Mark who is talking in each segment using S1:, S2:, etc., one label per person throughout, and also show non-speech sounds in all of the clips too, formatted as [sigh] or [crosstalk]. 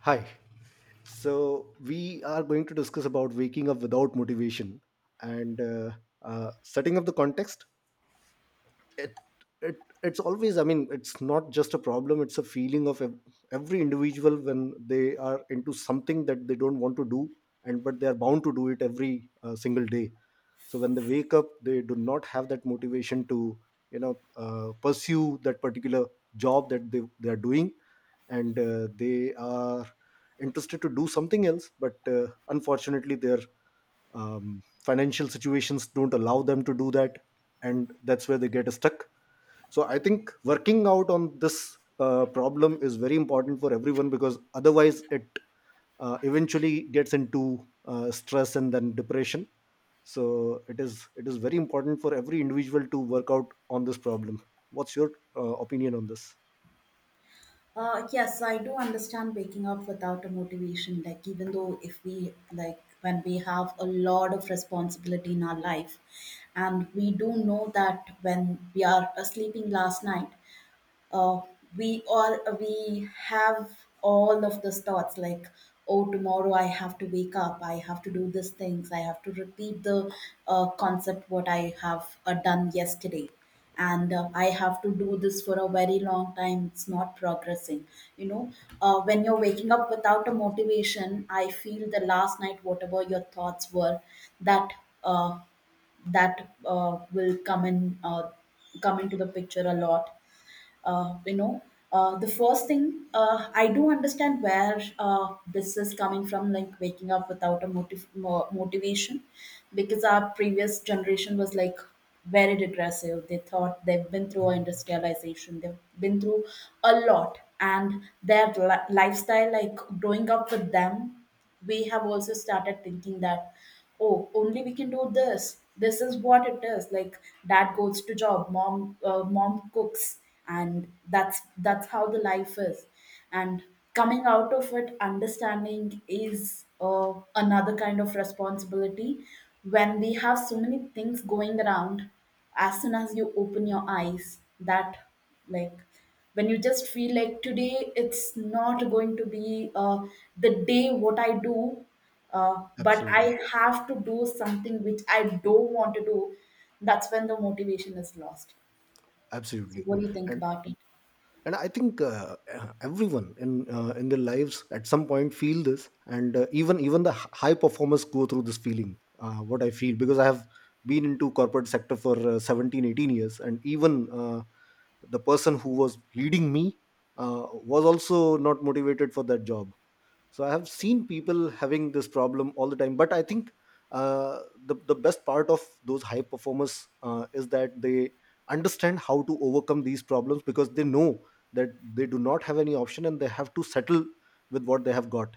S1: Hi. So we are going to discuss about waking up without motivation and setting up the context it it it's always, I mean, it's not just a problem, it's a feeling of every individual when they are into something that they don't want to do, and but they are bound to do it every single day. So when they wake up they do not have that motivation to, you know, pursue that particular job that they are doing. And they are interested to do something else, but unfortunately their financial situations don't allow them to do that, and that's where they get stuck. So I think working out on this problem is very important for everyone because otherwise it eventually gets into stress and then depression. So it is very important for every individual to work out on this problem. What's your opinion on this?
S2: Yes, I do understand waking up without a motivation. Like, even though if we, like, when we have a lot of responsibility in our life, and we do know that when we are sleeping last night, uh, we have all of those thoughts like, oh, tomorrow I have to wake up, I have to do these things, I have to repeat the concept what I have done yesterday. And I have to do this for a very long time, it's not progressing, you know. When you're waking up without a motivation, I feel the last night whatever your thoughts were, that uh, that will come in, come into the picture a lot. uh, you know the first thing, I do understand where this is coming from, like waking up without a motivation. Because our previous generation was like very regressive, they thought, they've been through industrialization, they've been through a lot, and their lifestyle, like growing up with them, we have also started thinking that, oh, only we can do this, this is what it is, like dad goes to job, mom mom cooks, and that's how the life is. And coming out of it, understanding is another kind of responsibility. When we have so many things going around, as soon as you open your eyes, that, like when you just feel like today it's not going to be the day, what I do, but
S1: Absolutely.
S2: I have to do something which I don't want to do, that's when the motivation is lost. So
S1: Absolutely.
S2: what do you think
S1: and.
S2: about it?
S1: And I think, everyone in their lives at some point feel this, and even the high performers go through this feeling, what I feel, because I have been into corporate sector for 17 18 years. And even the person who was leading me, uh, was also not motivated for that job. So I have seen people having this problem all the time, but I think, uh, the best part of those high performers is that they understand how to overcome these problems, because they know that they do not have any option and they have to settle with what they have got.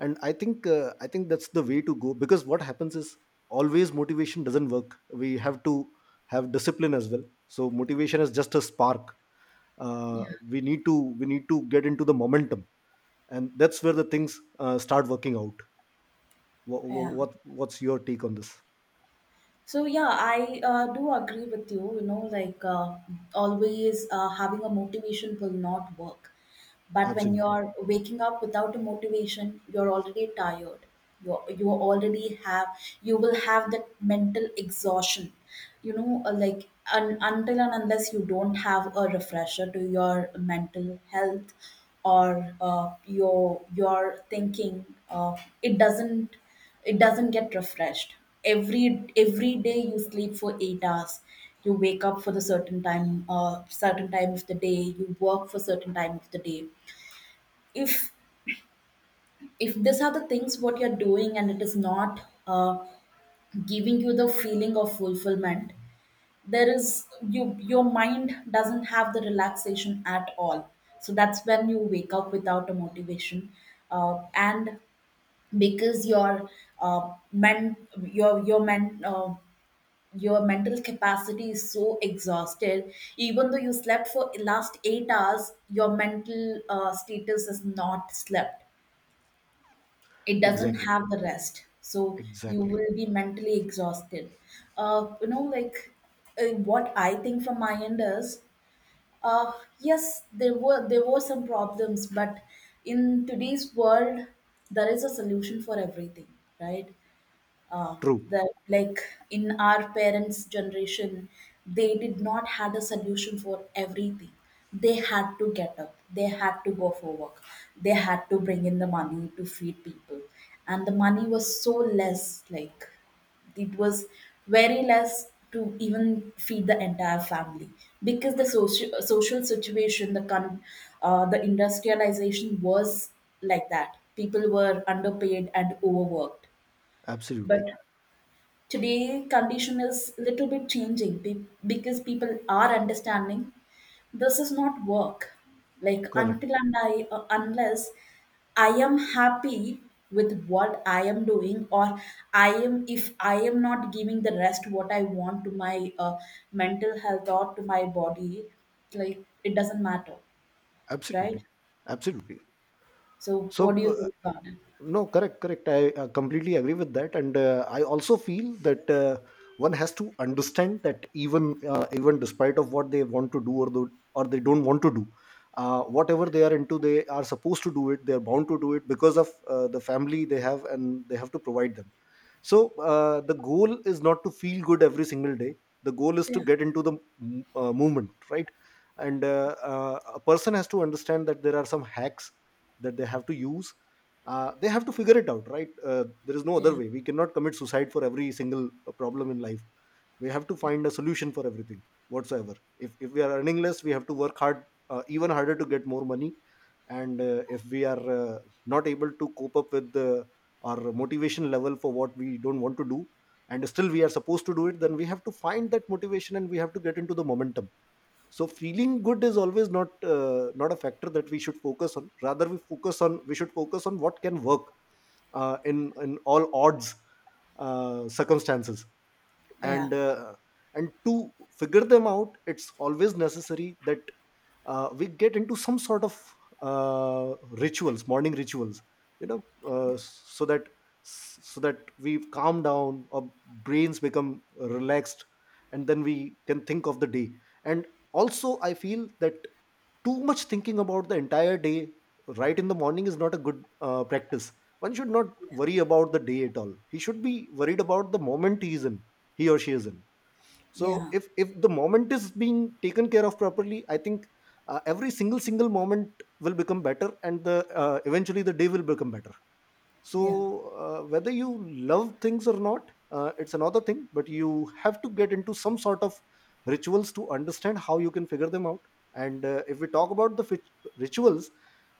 S1: And I think that's the way to go, because what happens is, always motivation doesn't work, we have to have discipline as well. So motivation is just a spark, we need to get into the momentum, and that's where the things start working out. what,
S2: Yeah.
S1: what what's your take on this?
S2: So yeah, I do agree with you. You know, like, always having a motivation will not work. But when
S1: Absolutely.
S2: you're waking up without a motivation, you're already tired. You already have, you will have that mental exhaustion. You know, like until and unless you don't have a refresher to your mental health or your thinking, uh, it doesn't, it doesn't get refreshed. every every day you sleep for 8 hours, you wake up for the certain time, certain time of the day, you work for certain time of the day. if if these are the things what you're doing and it is not uh, giving you the feeling of fulfillment, there is, you, your mind doesn't have the relaxation at all. So that's when you wake up without a motivation. uh, and because your men your your men uh, your mental capacity is so exhausted, even though you slept for last 8 hours, your mental status is not slept, it doesn't
S1: Exactly.
S2: have the rest, so you
S1: Exactly.
S2: will be mentally exhausted. You know, like, what I think from my end is, uh, yes, there were, there were some problems, but in today's world, there is a solution for everything, right? uh,
S1: True.
S2: that, like, in our parents generation, they did not had a solution for everything. They had to get up, they had to go for work, they had to bring in the money to feed people, and the money was so less, like it was very less to even feed the entire family. Because the social situation, the industrialization was like that, people were underpaid and overworked. But
S1: Absolutely.
S2: today, condition is little bit changing because people are understanding this is not work. Like
S1: Correct.
S2: until and unless I am happy with what I am doing, or I am, if I am not giving the rest what I want to my mental health or to my body, like it doesn't matter, right?
S1: Absolutely. Absolutely.
S2: So,
S1: So
S2: what do you think about it?
S1: no, correct, correct, I completely agree with that, and I also feel that, one has to understand that even despite of what they want to do, or they don't want to do, whatever they are into they are supposed to do it, they are bound to do it because of the family they have and they have to provide them. So the goal is not to feel good every single day, the goal is to
S2: Yeah,
S1: get into the movement, right? And a person has to understand that there are some hacks that they have to use, they have to figure it out, right? There is no other
S2: yeah,
S1: way, we cannot commit suicide for every single problem in life. We have to
S2: yeah,
S1: find a solution for everything whatsoever. If we are earning less we have to work hard, even harder, to get more money. And if we are not able to cope up with our motivation level for what we don't want to do and still we are supposed to do it, then we have to find that motivation and we have to get into the momentum. So feeling good is always not not a factor that we should focus on, rather we should focus on what can work in all odds circumstances.
S2: yeah,
S1: And to figure them out it's always necessary that we get into some sort of rituals, morning rituals, you know, so that we calm down, our brains become relaxed, and then we can think of the day. And also I feel that too much thinking about the entire day right in the morning is not a good practice. One should not worry about the day at all, he should be worried about the moment he is in, he or she is in. So
S2: yeah.
S1: if the moment is being taken care of properly, I think every single moment will become better and the eventually the day will become better.
S2: Yeah.
S1: So whether you love things or not, it's another thing, but you have to get into some sort of rituals to understand how you can figure them out. And if we talk about the rituals,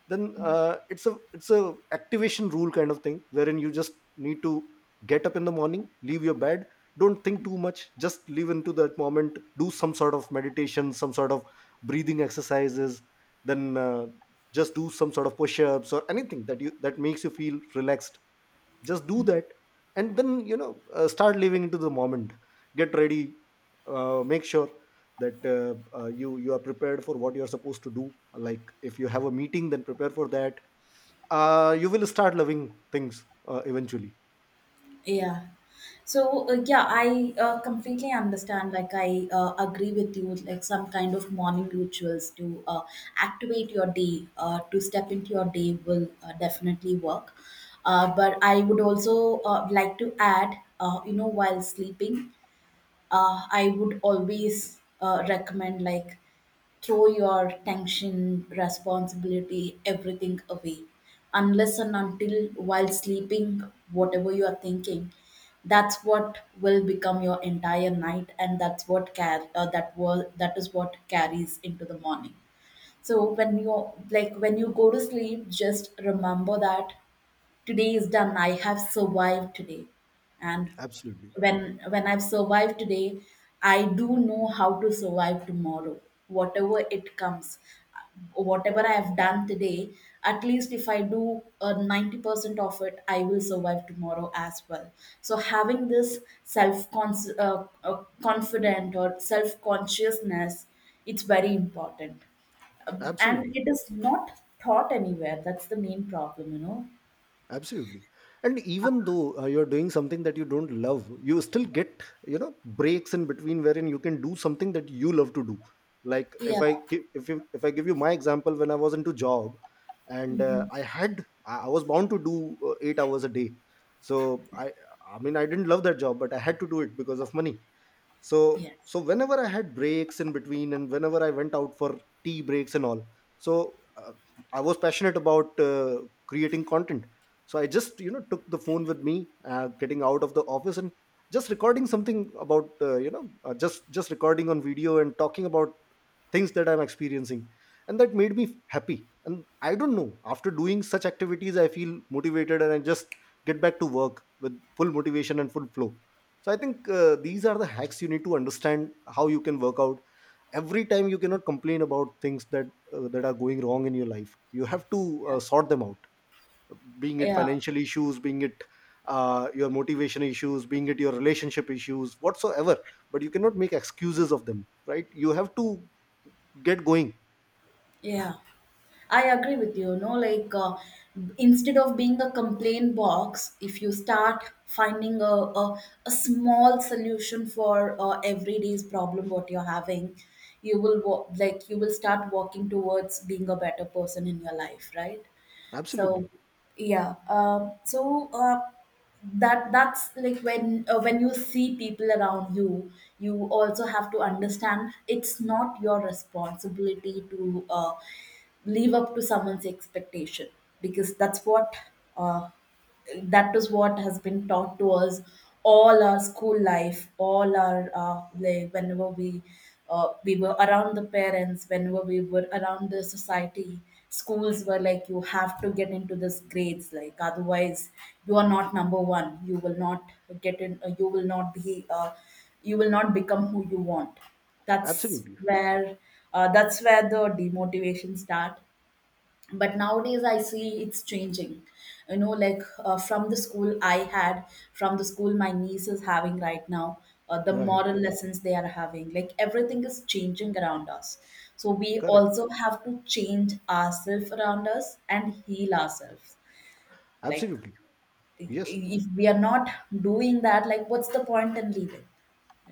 S1: then it's a activation rule kind of thing, wherein you just need to get up in the morning, leave your bed, don't think too much, just live into that moment, do some sort of meditation, some sort of breathing exercises. Then just do some sort of push-ups or anything that you that makes you feel relaxed, just do that. And then, you know, start living into the moment, get ready, make sure that you are prepared for what you are supposed to do, like if you have a meeting then prepare for that. You will start loving things eventually.
S2: Yeah. So yeah, I completely understand. Like I agree with you. Like some kind of morning rituals to activate your day, to step into your day will definitely work. But I would also like to add, you know, while sleeping, I would always recommend, like, throw your tension, responsibility, everything away. Unless and until while sleeping, whatever you are thinking, that's what will become your entire night, and that's what that is what carries into the morning. So when you, like, when you go to sleep, just remember that today is done, I have survived today. And
S1: Absolutely.
S2: when I've survived today, I do know how to survive tomorrow, whatever it comes. Whatever I have done today, at least if I do 90% of it, I will survive tomorrow as well. So having this self confident or self consciousness, it's very important.
S1: Absolutely.
S2: And it is not taught anywhere. That's the main problem, you know.
S1: Absolutely. And even though you're doing something that you don't love, you still get, you know, breaks in between wherein you can do something that you love to do. Like if
S2: Yeah.
S1: I gi- if you, if I give you my example, when I was into job and
S2: Mhm.
S1: I had, I was bound to do 8 hours a day. So i I mean, I didn't love that job, but I had to do it because of money. So,
S2: Yes.
S1: so whenever I had breaks in between and whenever I went out for tea breaks and all, so I was passionate about creating content. So I just, you know, took the phone with me, getting out of the office, and just recording something about, just recording on video and talking about things that I'm experiencing. And that made me happy, and I don't know, after doing such activities I feel motivated, and I just get back to work with full motivation and full flow. So I think these are the hacks you need to understand how you can work out. Every time you cannot complain about things that that are going wrong in your life. You have to
S2: Yeah.
S1: sort them out. Being it
S2: Yeah.
S1: financial issues, being it your motivation issues, being it your relationship issues, whatsoever. But you cannot make excuses of them, right? You have to get going.
S2: Yeah. I agree with you. No, like, instead of being a complaint box, if you start finding a small solution for everyday's problem what you're having, you like, you will start walking towards being a better person in your life, right? So
S1: Absolutely,
S2: yeah, so that's like when you see people around you, you also have to understand it's not your responsibility to live up to someone's expectation. Because that's what, uh, that is what has been taught to us all our school life, all our, like whenever we were around the parents, whenever we were around the society, schools were like, you have to get into this grades, like otherwise you are not number one, you will not get in, you will not be you will not become who you want. that's
S1: absolutely,
S2: where that's where the demotivation start. But nowadays I see it's changing, you know, like, from the school I had, from the school my niece is having right now, the
S1: right,
S2: moral lessons they are having, like everything is changing around us. So we
S1: correct,
S2: also have to change ourselves around us and heal ourselves. Like,
S1: absolutely, yes,
S2: if we are not doing that, like what's the point in living,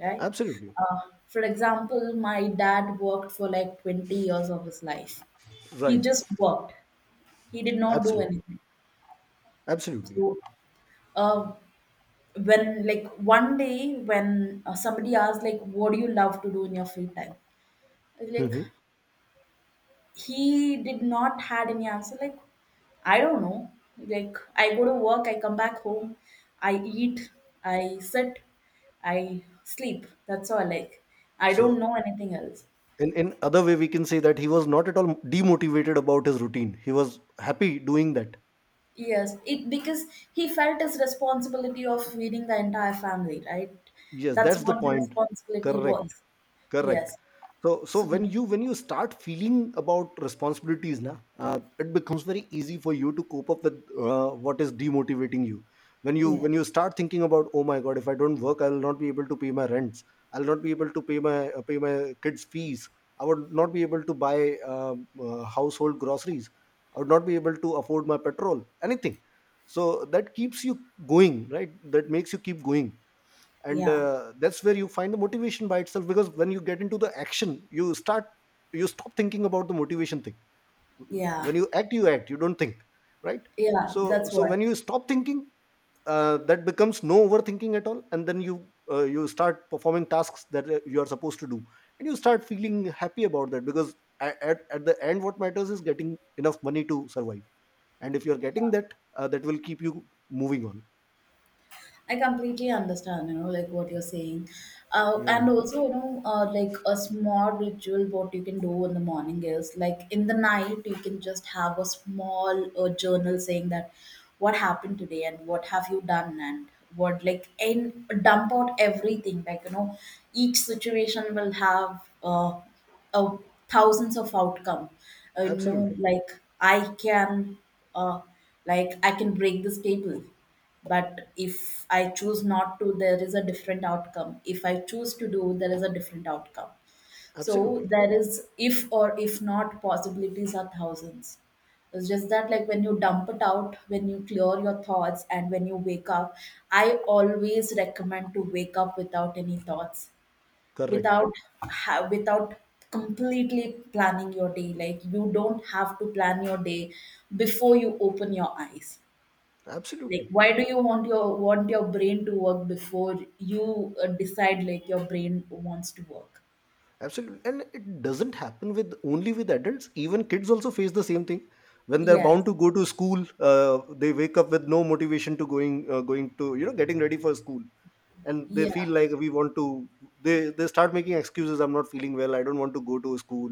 S2: right?
S1: absolutely,
S2: uh, for example, my dad worked for like 20 years of his life. He
S1: right,
S2: just worked, he did not do
S1: absolutely,
S2: anything.
S1: absolutely.
S2: So, uh, when, like, one day when somebody asked, like, "What do you love to do in your free time?" I was like,
S1: Mhm.
S2: he did not had any answer. Like, I don't know. Like, I go to work, I come back home, I eat, I sit, I sleep. That's all. Like, I
S1: So
S2: don't know anything else.
S1: in other way we can say that he was not at all demotivated about his routine, he was happy doing that.
S2: Yes, it, because he felt his responsibility of feeding the entire family, right?
S1: Yes,
S2: That's
S1: that's the
S2: what the
S1: point.
S2: responsibility
S1: Correct.
S2: was.
S1: Correct.
S2: Yes.
S1: So, so
S2: So
S1: when you, when you start feeling about responsibilities na, it becomes very easy for you to cope up with what is demotivating you. When you,
S2: yes,
S1: when you start thinking about, oh my god, if I don't work I will not be able to pay my rents, I'll not be able to pay my kids fees, I would not be able to buy household groceries, I would not be able to afford my petrol, anything. So that keeps you going, right, that makes you keep going. And
S2: yeah,
S1: that's where you find the motivation by itself, because when you get into the action you start, you stop thinking about the motivation thing.
S2: yeah,
S1: When you act, you act, you don't think, right.
S2: yeah.
S1: So,
S2: That's
S1: so
S2: what.
S1: when you stop thinking, that becomes no overthinking at all, and then you you start performing tasks that you are supposed to do, and you start feeling happy about that, because at the end what matters is getting enough money to survive. And if you're getting that, that will keep you moving on.
S2: I completely understand, you know, like what you're saying.
S1: Yeah,
S2: And also, you know, like a small ritual, what you can do in the morning is, like in the night, you can just have a small journal saying that what happened today and what have you done and what, like, and dump out everything. Like, you know, each situation will have uh, thousands of outcome. You know,
S1: absolutely,
S2: uh, like I can break this table. But if I choose not to, there is a different outcome. If I choose to do, there is a different outcome. So
S1: absolutely,
S2: there is, if or if not, possibilities are thousands. It's just that, like, when you dump it out, when you clear your thoughts, and when you wake up, I always recommend to wake up without any thoughts,
S1: correct.
S2: without without completely planning your day. Like, you don't have to plan your day before you open your eyes. Like,
S1: Absolutely.
S2: why do you want your brain to work before you decide like your brain wants to work.
S1: Absolutely. And it doesn't happen with only with adults. Even kids also face the same thing. When they're
S2: Yes.
S1: bound to go to school, they wake up with no motivation to going to, you know, getting ready for school, and they
S2: Yeah,
S1: feel like we want to. They start making excuses. I'm not feeling well. I don't want to go to school.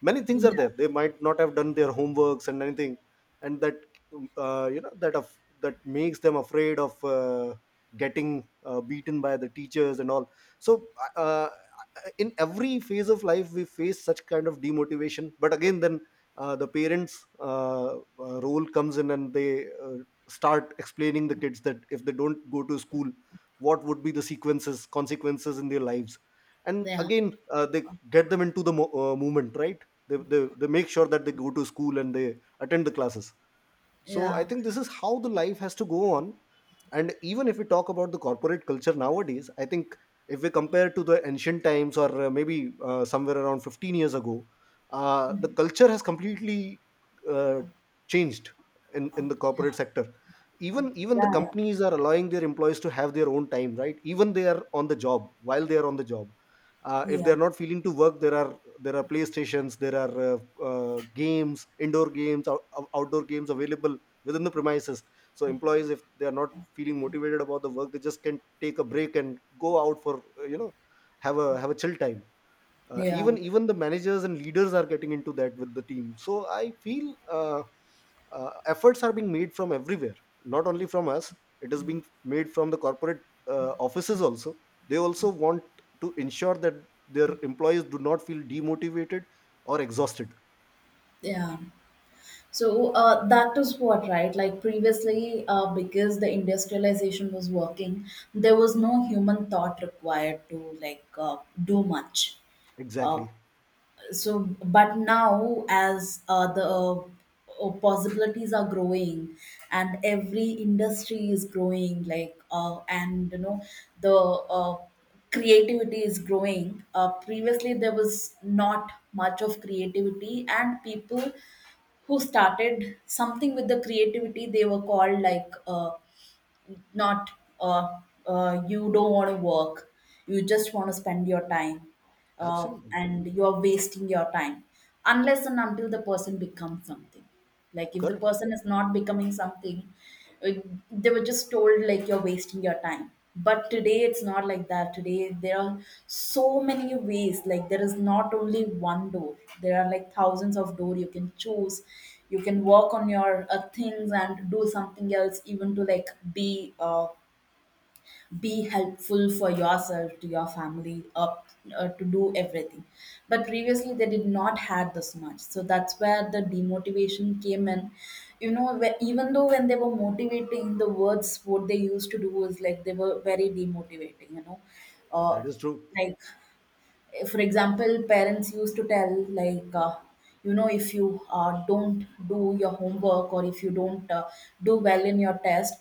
S1: Many things are
S2: yeah,
S1: there. They might not have done their homeworks and anything, and that you know that of that makes them afraid of getting beaten by the teachers and all. so uh, in every phase of life we face such kind of demotivation, but again then the parents' role comes in and they start explaining the kids that if they don't go to school, what would be the sequences consequences in their lives. And
S2: yeah,
S1: again, they get them into the movement, right? They make sure that they go to school and they attend the classes. So I
S2: yeah,
S1: think this is how the life has to go on. And even if we talk about the corporate culture nowadays, I think if we compare to the ancient times, or maybe somewhere around 15 years ago, the culture has completely uh, changed in the
S2: yeah,
S1: corporate sector. Even the
S2: yeah,
S1: companies are allowing their employees to have their own time, right? Even they are on the job while they are on the job, if
S2: yeah,
S1: they're not feeling to work, there are, there are playstations, there are games, indoor games, outdoor games available within the premises. So employees, if they are not feeling motivated about the work, they just can take a break and go out for have a chill time. uh,
S2: yeah,
S1: even even the managers and leaders are getting into that with the team, so I feel efforts are being made from everywhere, not only from us. It is being made from the corporate offices also. They also want to ensure that their employees do not feel demotivated or exhausted.
S2: yeah. So that is what, right? Like previously because the industrialization was working, there was no human thought required to like do much. uh,
S1: Exactly.
S2: so but now as the possibilities are growing and every industry is growing like and you know the creativity is growing. Previously there was not much of creativity, and people who started something with the creativity, they were called like not uh, you don't want to work, you just want to spend your time
S1: Absolutely.
S2: and you are wasting your time, unless and until the person becomes something. Like if the
S1: Correct.
S2: person is not becoming something, uh, they were just told like you're wasting your time. But today it's not like that. Today there are so many ways. Like there is not only one door, there are like thousands of door you can choose. You can work on your things and do something else, even to like be helpful for yourself, to your family up to do everything. But previously they did not had this much, so that's where the demotivation came in, you know? Where, even though when they were motivating, the words what they used to do was like they were very demotivating, you know? uh,
S1: That is true.
S2: like, for example, parents used to tell, like, you know, if you don't do your homework, or if you don't do well in your test,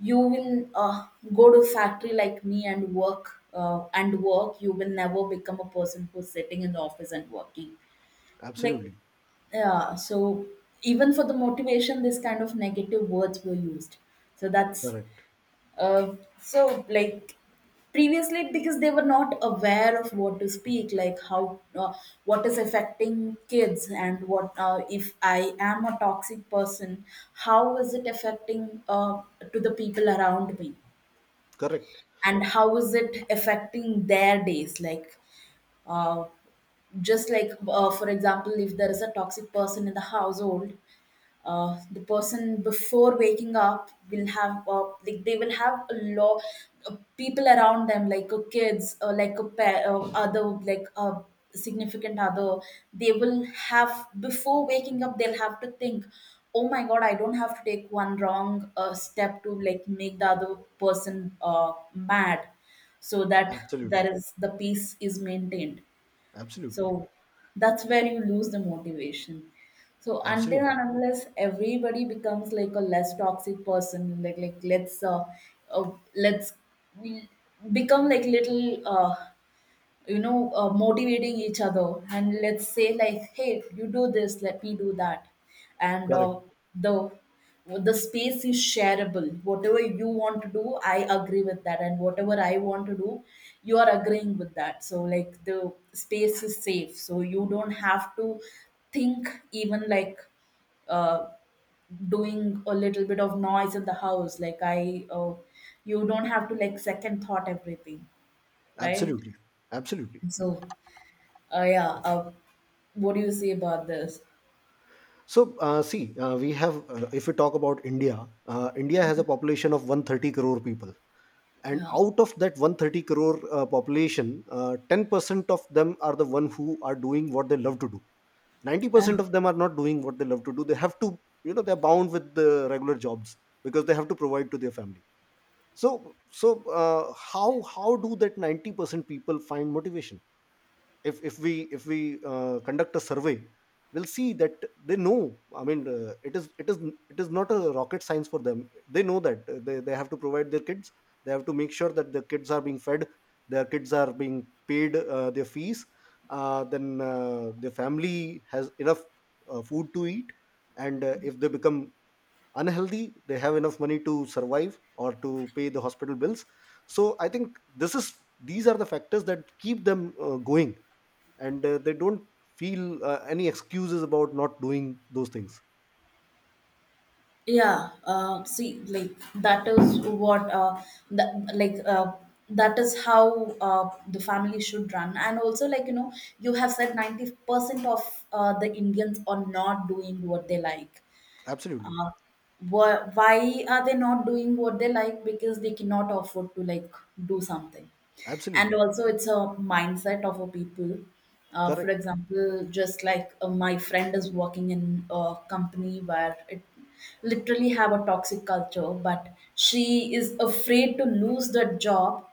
S2: you will go to factory like me and work and work. You will never become a person who's sitting in the office and working. Like,
S1: Absolutely.
S2: yeah. So even for the motivation, this kind of negative words were used. So that's
S1: Correct.
S2: so like previously because they were not aware of what to speak, like how what is affecting kids, and what if I am a toxic person, how is it affecting to the people around me,
S1: Correct.
S2: and how is it affecting their days. Like uh, just like for example, if there is a toxic person in the household, the person before waking up will have like they will have a lot of people around them, like kids, or like a pair other, like a significant other. They will have, before waking up they'll have to think, oh my god, I don't have to take one wrong step to like make the other person mad, so that
S1: Absolutely.
S2: there is the peace is maintained. So
S1: Absolutely.
S2: that's where you lose the motivation. So until
S1: Absolutely.
S2: and unless everybody becomes like a less toxic person, like let's we become like little you know motivating each other and let's say like, hey, you do this, let me do that, and
S1: Correct.
S2: the the space is shareable. Whatever you want to do, I agree with that, and whatever I want to do, you are agreeing with that. So like the space is safe, so you don't have to think even like uh, doing a little bit of noise in the house, like I you don't have to like second thought everything, right?
S1: Absolutely. Absolutely.
S2: So yeah. What do you say about this?
S1: So, see, we have, if we talk about India, India has a population of 130 crore people. And
S2: Yeah.
S1: out of that 130 crore population, 10% of them are the one who are doing what they love to do.
S2: Yeah.
S1: 90% of them are not doing what they love to do. They have to, you know, they're bound with the regular jobs because they have to provide to their family. So, how do that 90% people find motivation? If we conduct a survey, we'll see that they know. I mean, it is not a rocket science for them. They know that. They have to provide their kids, they have to make sure that their kids are being fed, their kids are being paid their fees, then their family has enough food to eat. And if they become unhealthy, they have enough money to survive or to pay the hospital bills. So I think this is these are the factors that keep them going. And they don't feel any excuses about not doing those things.
S2: Yeah. See, like that is what that like that is how the family should run. And also, like you know, you have said 90% of the Indians are not doing what they like.
S1: Absolutely.
S2: uh, why are they not doing what they like? Because they cannot afford to like do something. And
S1: Absolutely.
S2: also it's a mindset of a people. For
S1: Correct.
S2: example, just like my friend is working in a company where it literally have a toxic culture, but she is afraid to lose that job.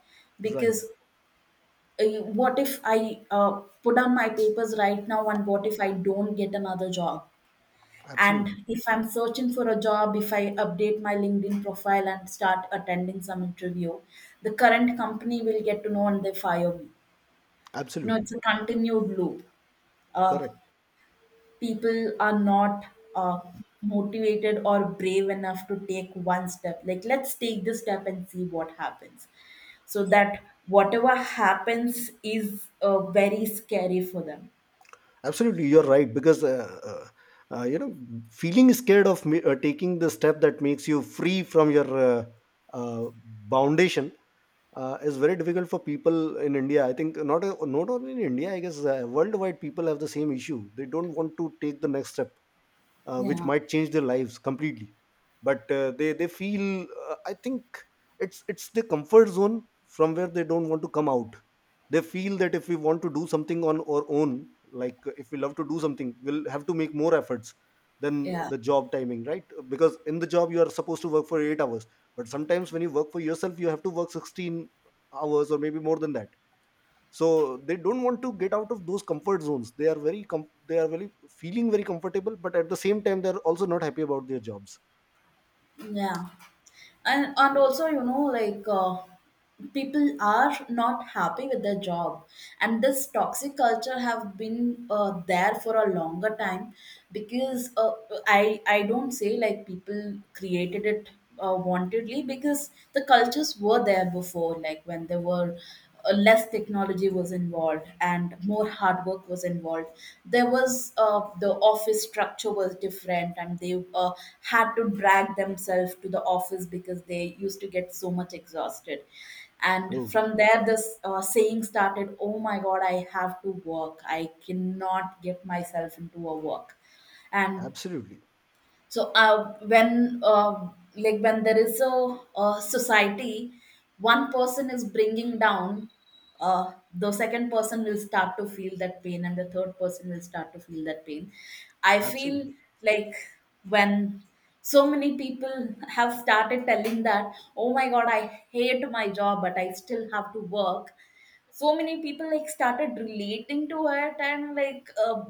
S1: Right.
S2: Because uh, what if I put on my papers right now, and what if I don't get another job? And
S1: Absolutely.
S2: if I'm searching for a job, if I update my LinkedIn profile and start attending some interview, the current company will get to know and they fire me. No,
S1: Absolutely.
S2: it's a continued loop. Uh,
S1: Correct.
S2: People are not uh, motivated or brave enough to take one step. Like, let's take this step and see what happens. So that whatever happens is very scary for them.
S1: Absolutely. You're right. Because, you know, feeling scared of me, taking the step that makes you free from your uh, foundation is very difficult for people in India. I think not only in India, I guess worldwide people have the same issue. They don't want to take the next step which
S2: Yeah.
S1: might change their lives completely, but they feel I think it's the comfort zone from where they don't want to come out. They feel that if we want to do something on our own, like if we love to do something, we'll have to make more efforts than
S2: Yeah.
S1: the job timing, right? Because in the job you are supposed to work for 8 hours, but sometimes when you work for yourself you have to work 16 hours or maybe more than that. So they don't want to get out of those comfort zones. They are very they are very feeling very comfortable, but at the same time they're also not happy about their jobs.
S2: Yeah. And
S1: Uh,
S2: also you know like people are not happy with their job, and this toxic culture have been there for a longer time. Because I don't say like people created it wantedly, because the cultures were there before. Like when they were less technology was involved, and more hard work was involved, there was the office structure was different, and they had to drag themselves to the office because they used to get so much exhausted. And
S1: true.
S2: from there this saying started, oh my god, I have to work, I cannot get myself into a work. And
S1: Absolutely.
S2: so when like when there is a society, one person is bringing down, the second person will start to feel that pain, and the third person will start to feel that pain, I feel.
S1: Absolutely.
S2: Like when so many people have started telling that oh my god I hate my job but I still have to work, so many people like started relating to it. And like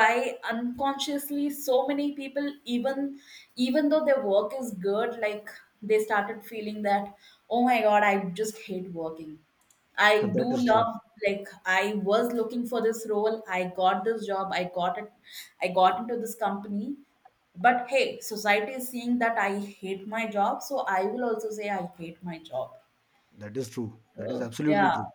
S2: by unconsciously so many people, even even though their work is good, like they started feeling that oh my god I just hate working.
S1: [laughs]
S2: I do
S1: That is true.
S2: love, like I was looking for this role, I got this job, I got it, I got into this company, but hey, society is seeing that I hate my job, so I will also say I hate my job.
S1: That is true. That is
S2: So
S1: absolutely
S2: yeah.
S1: true.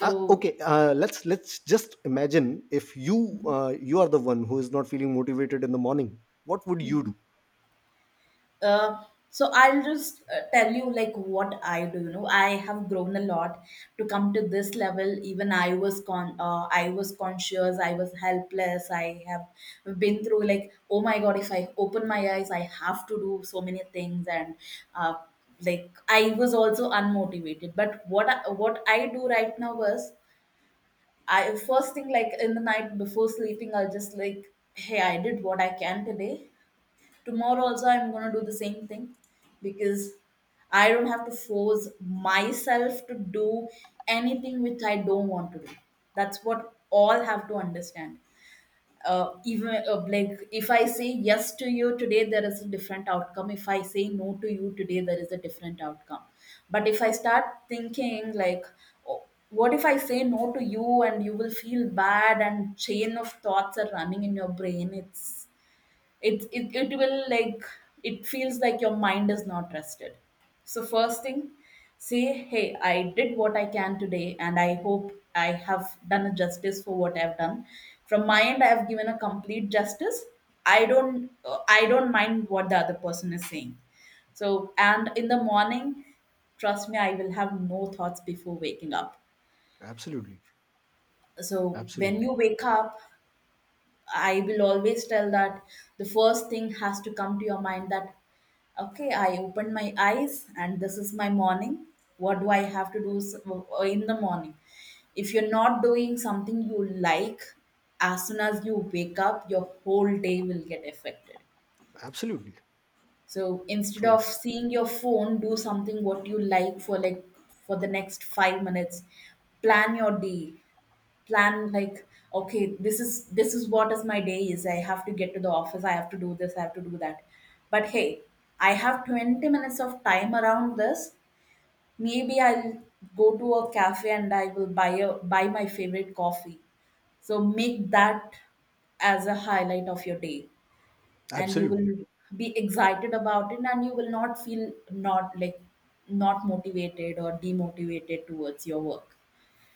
S1: Okay, let's just imagine, if you you are the one who is not feeling motivated in the morning, what would you do?
S2: Uh, so I'll just tell you like what I do. You know, I have grown a lot to come to this level. Even I was I was conscious. I was helpless. I have been through like, oh my god, if I open my eyes, I have to do so many things, and uh, like I was also unmotivated. But what I do right now was, I first thing like in the night before sleeping, I'll just like, hey, I did what I can today, tomorrow also I'm going to do the same thing. Because I don't have to force myself to do anything which I don't want to do. That's what all have to understand. Even like if I say yes to you today, there is a different outcome. If I say no to you today, there is a different outcome. But if I start thinking like, oh, what if I say no to you and you will feel bad, and chain of thoughts are running in your brain, it's it will like it feels like your mind is not rested. So first thing, say, hey, I did what I can today, and I hope I have done a justice for what I've done. From my end I have given a complete justice. I don't mind what the other person is saying. So and in the morning, trust me, I will have no thoughts before waking up.
S1: Absolutely.
S2: So when
S1: Absolutely.
S2: you wake up, I will always tell that the first thing has to come to your mind that, okay, I opened my eyes and this is my morning. What do I have to do in the morning? If you're not doing something you like, as soon as you wake up, your whole day will get affected.
S1: Absolutely
S2: So instead of
S1: true.
S2: seeing your phone, do something what you like for the next 5 minutes. Plan your day, plan like okay, this is what is my day is, I have to get to the office, I have to do this, I have to do that. But hey, I have 20 minutes of time around this, maybe I'll go to a cafe and I will buy my favorite coffee. So make that as a highlight of your day, and you will
S1: Absolutely.
S2: be excited about it and you will not feel not like not motivated or demotivated towards your work.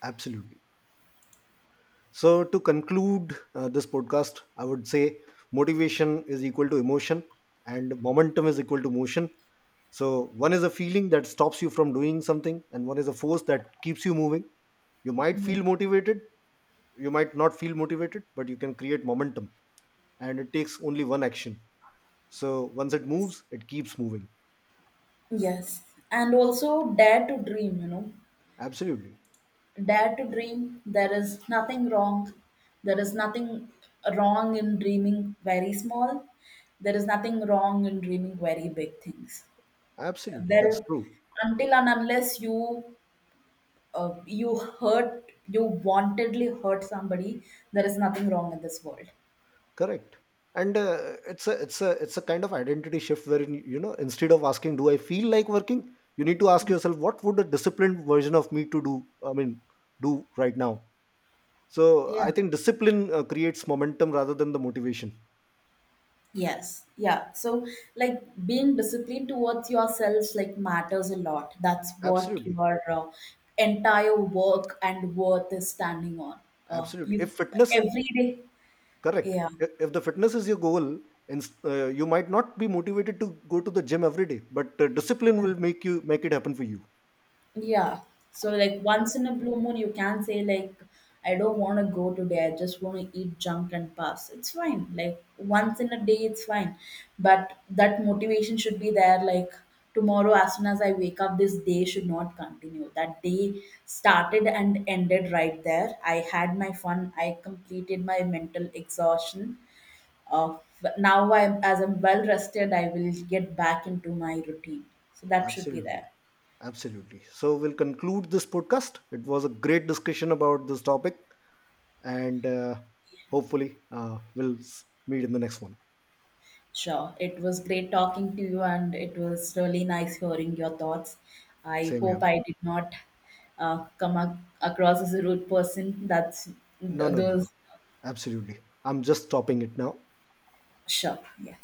S1: Absolutely. So, to conclude this podcast, I would say motivation is equal to emotion, and momentum is equal to motion. So, one is a feeling that stops you from doing something, and one is a force that keeps you moving. You might
S2: Yeah.
S1: feel motivated, you might not feel motivated, but you can create momentum, and it takes only one action. So, once it moves, it keeps moving.
S2: Yes, and also dare to dream, you know.
S1: Absolutely.
S2: Dare to dream. There is nothing wrong. There is nothing wrong in dreaming very small. There is nothing wrong in dreaming very big things.
S1: Absolutely. That's
S2: There,
S1: true.
S2: until and unless you you hurt, you wantedly hurt somebody, there is nothing wrong in this world.
S1: Correct. And it's a kind of identity shift wherein, you know, instead of asking do I feel like working, you need to ask yourself what would a disciplined version of me to do I mean do right now. So
S2: Yeah.
S1: I think discipline creates momentum rather than the motivation.
S2: Yes, yeah. So, like being disciplined towards yourself, like matters a lot. That's what
S1: Absolutely.
S2: your entire work and worth is standing on.
S1: Absolutely. If
S2: You
S1: fitness,
S2: every day,
S1: correct,
S2: yeah.
S1: if the fitness is your goal, and you might not be motivated to go to the gym every day, but discipline will make you make it happen for you.
S2: Yeah. So like
S1: So
S2: once in a blue moon you can say like I don't want to go today. I just want to eat junk and pass. It's fine. Like once in a day it's fine. But that motivation should be there. Like tomorrow as soon as I wake up, this day should not continue. That day started and ended right there. I had my fun. I completed my mental exhaustion. Uh, but now I, as I'm well rested, I will get back into my routine. So that should be
S1: absolutely.
S2: there.
S1: Absolutely. So we'll conclude this podcast. It was a great discussion about this topic, and hopefully meet in the next one.
S2: Sure. It was great talking to you, and it was really nice hearing your thoughts. I
S1: Same
S2: hope
S1: here.
S2: I did not come across as a rude person. That's
S1: No, no, no, no.
S2: those.
S1: Absolutely. I'm just stopping it now.
S2: Sure. Yeah.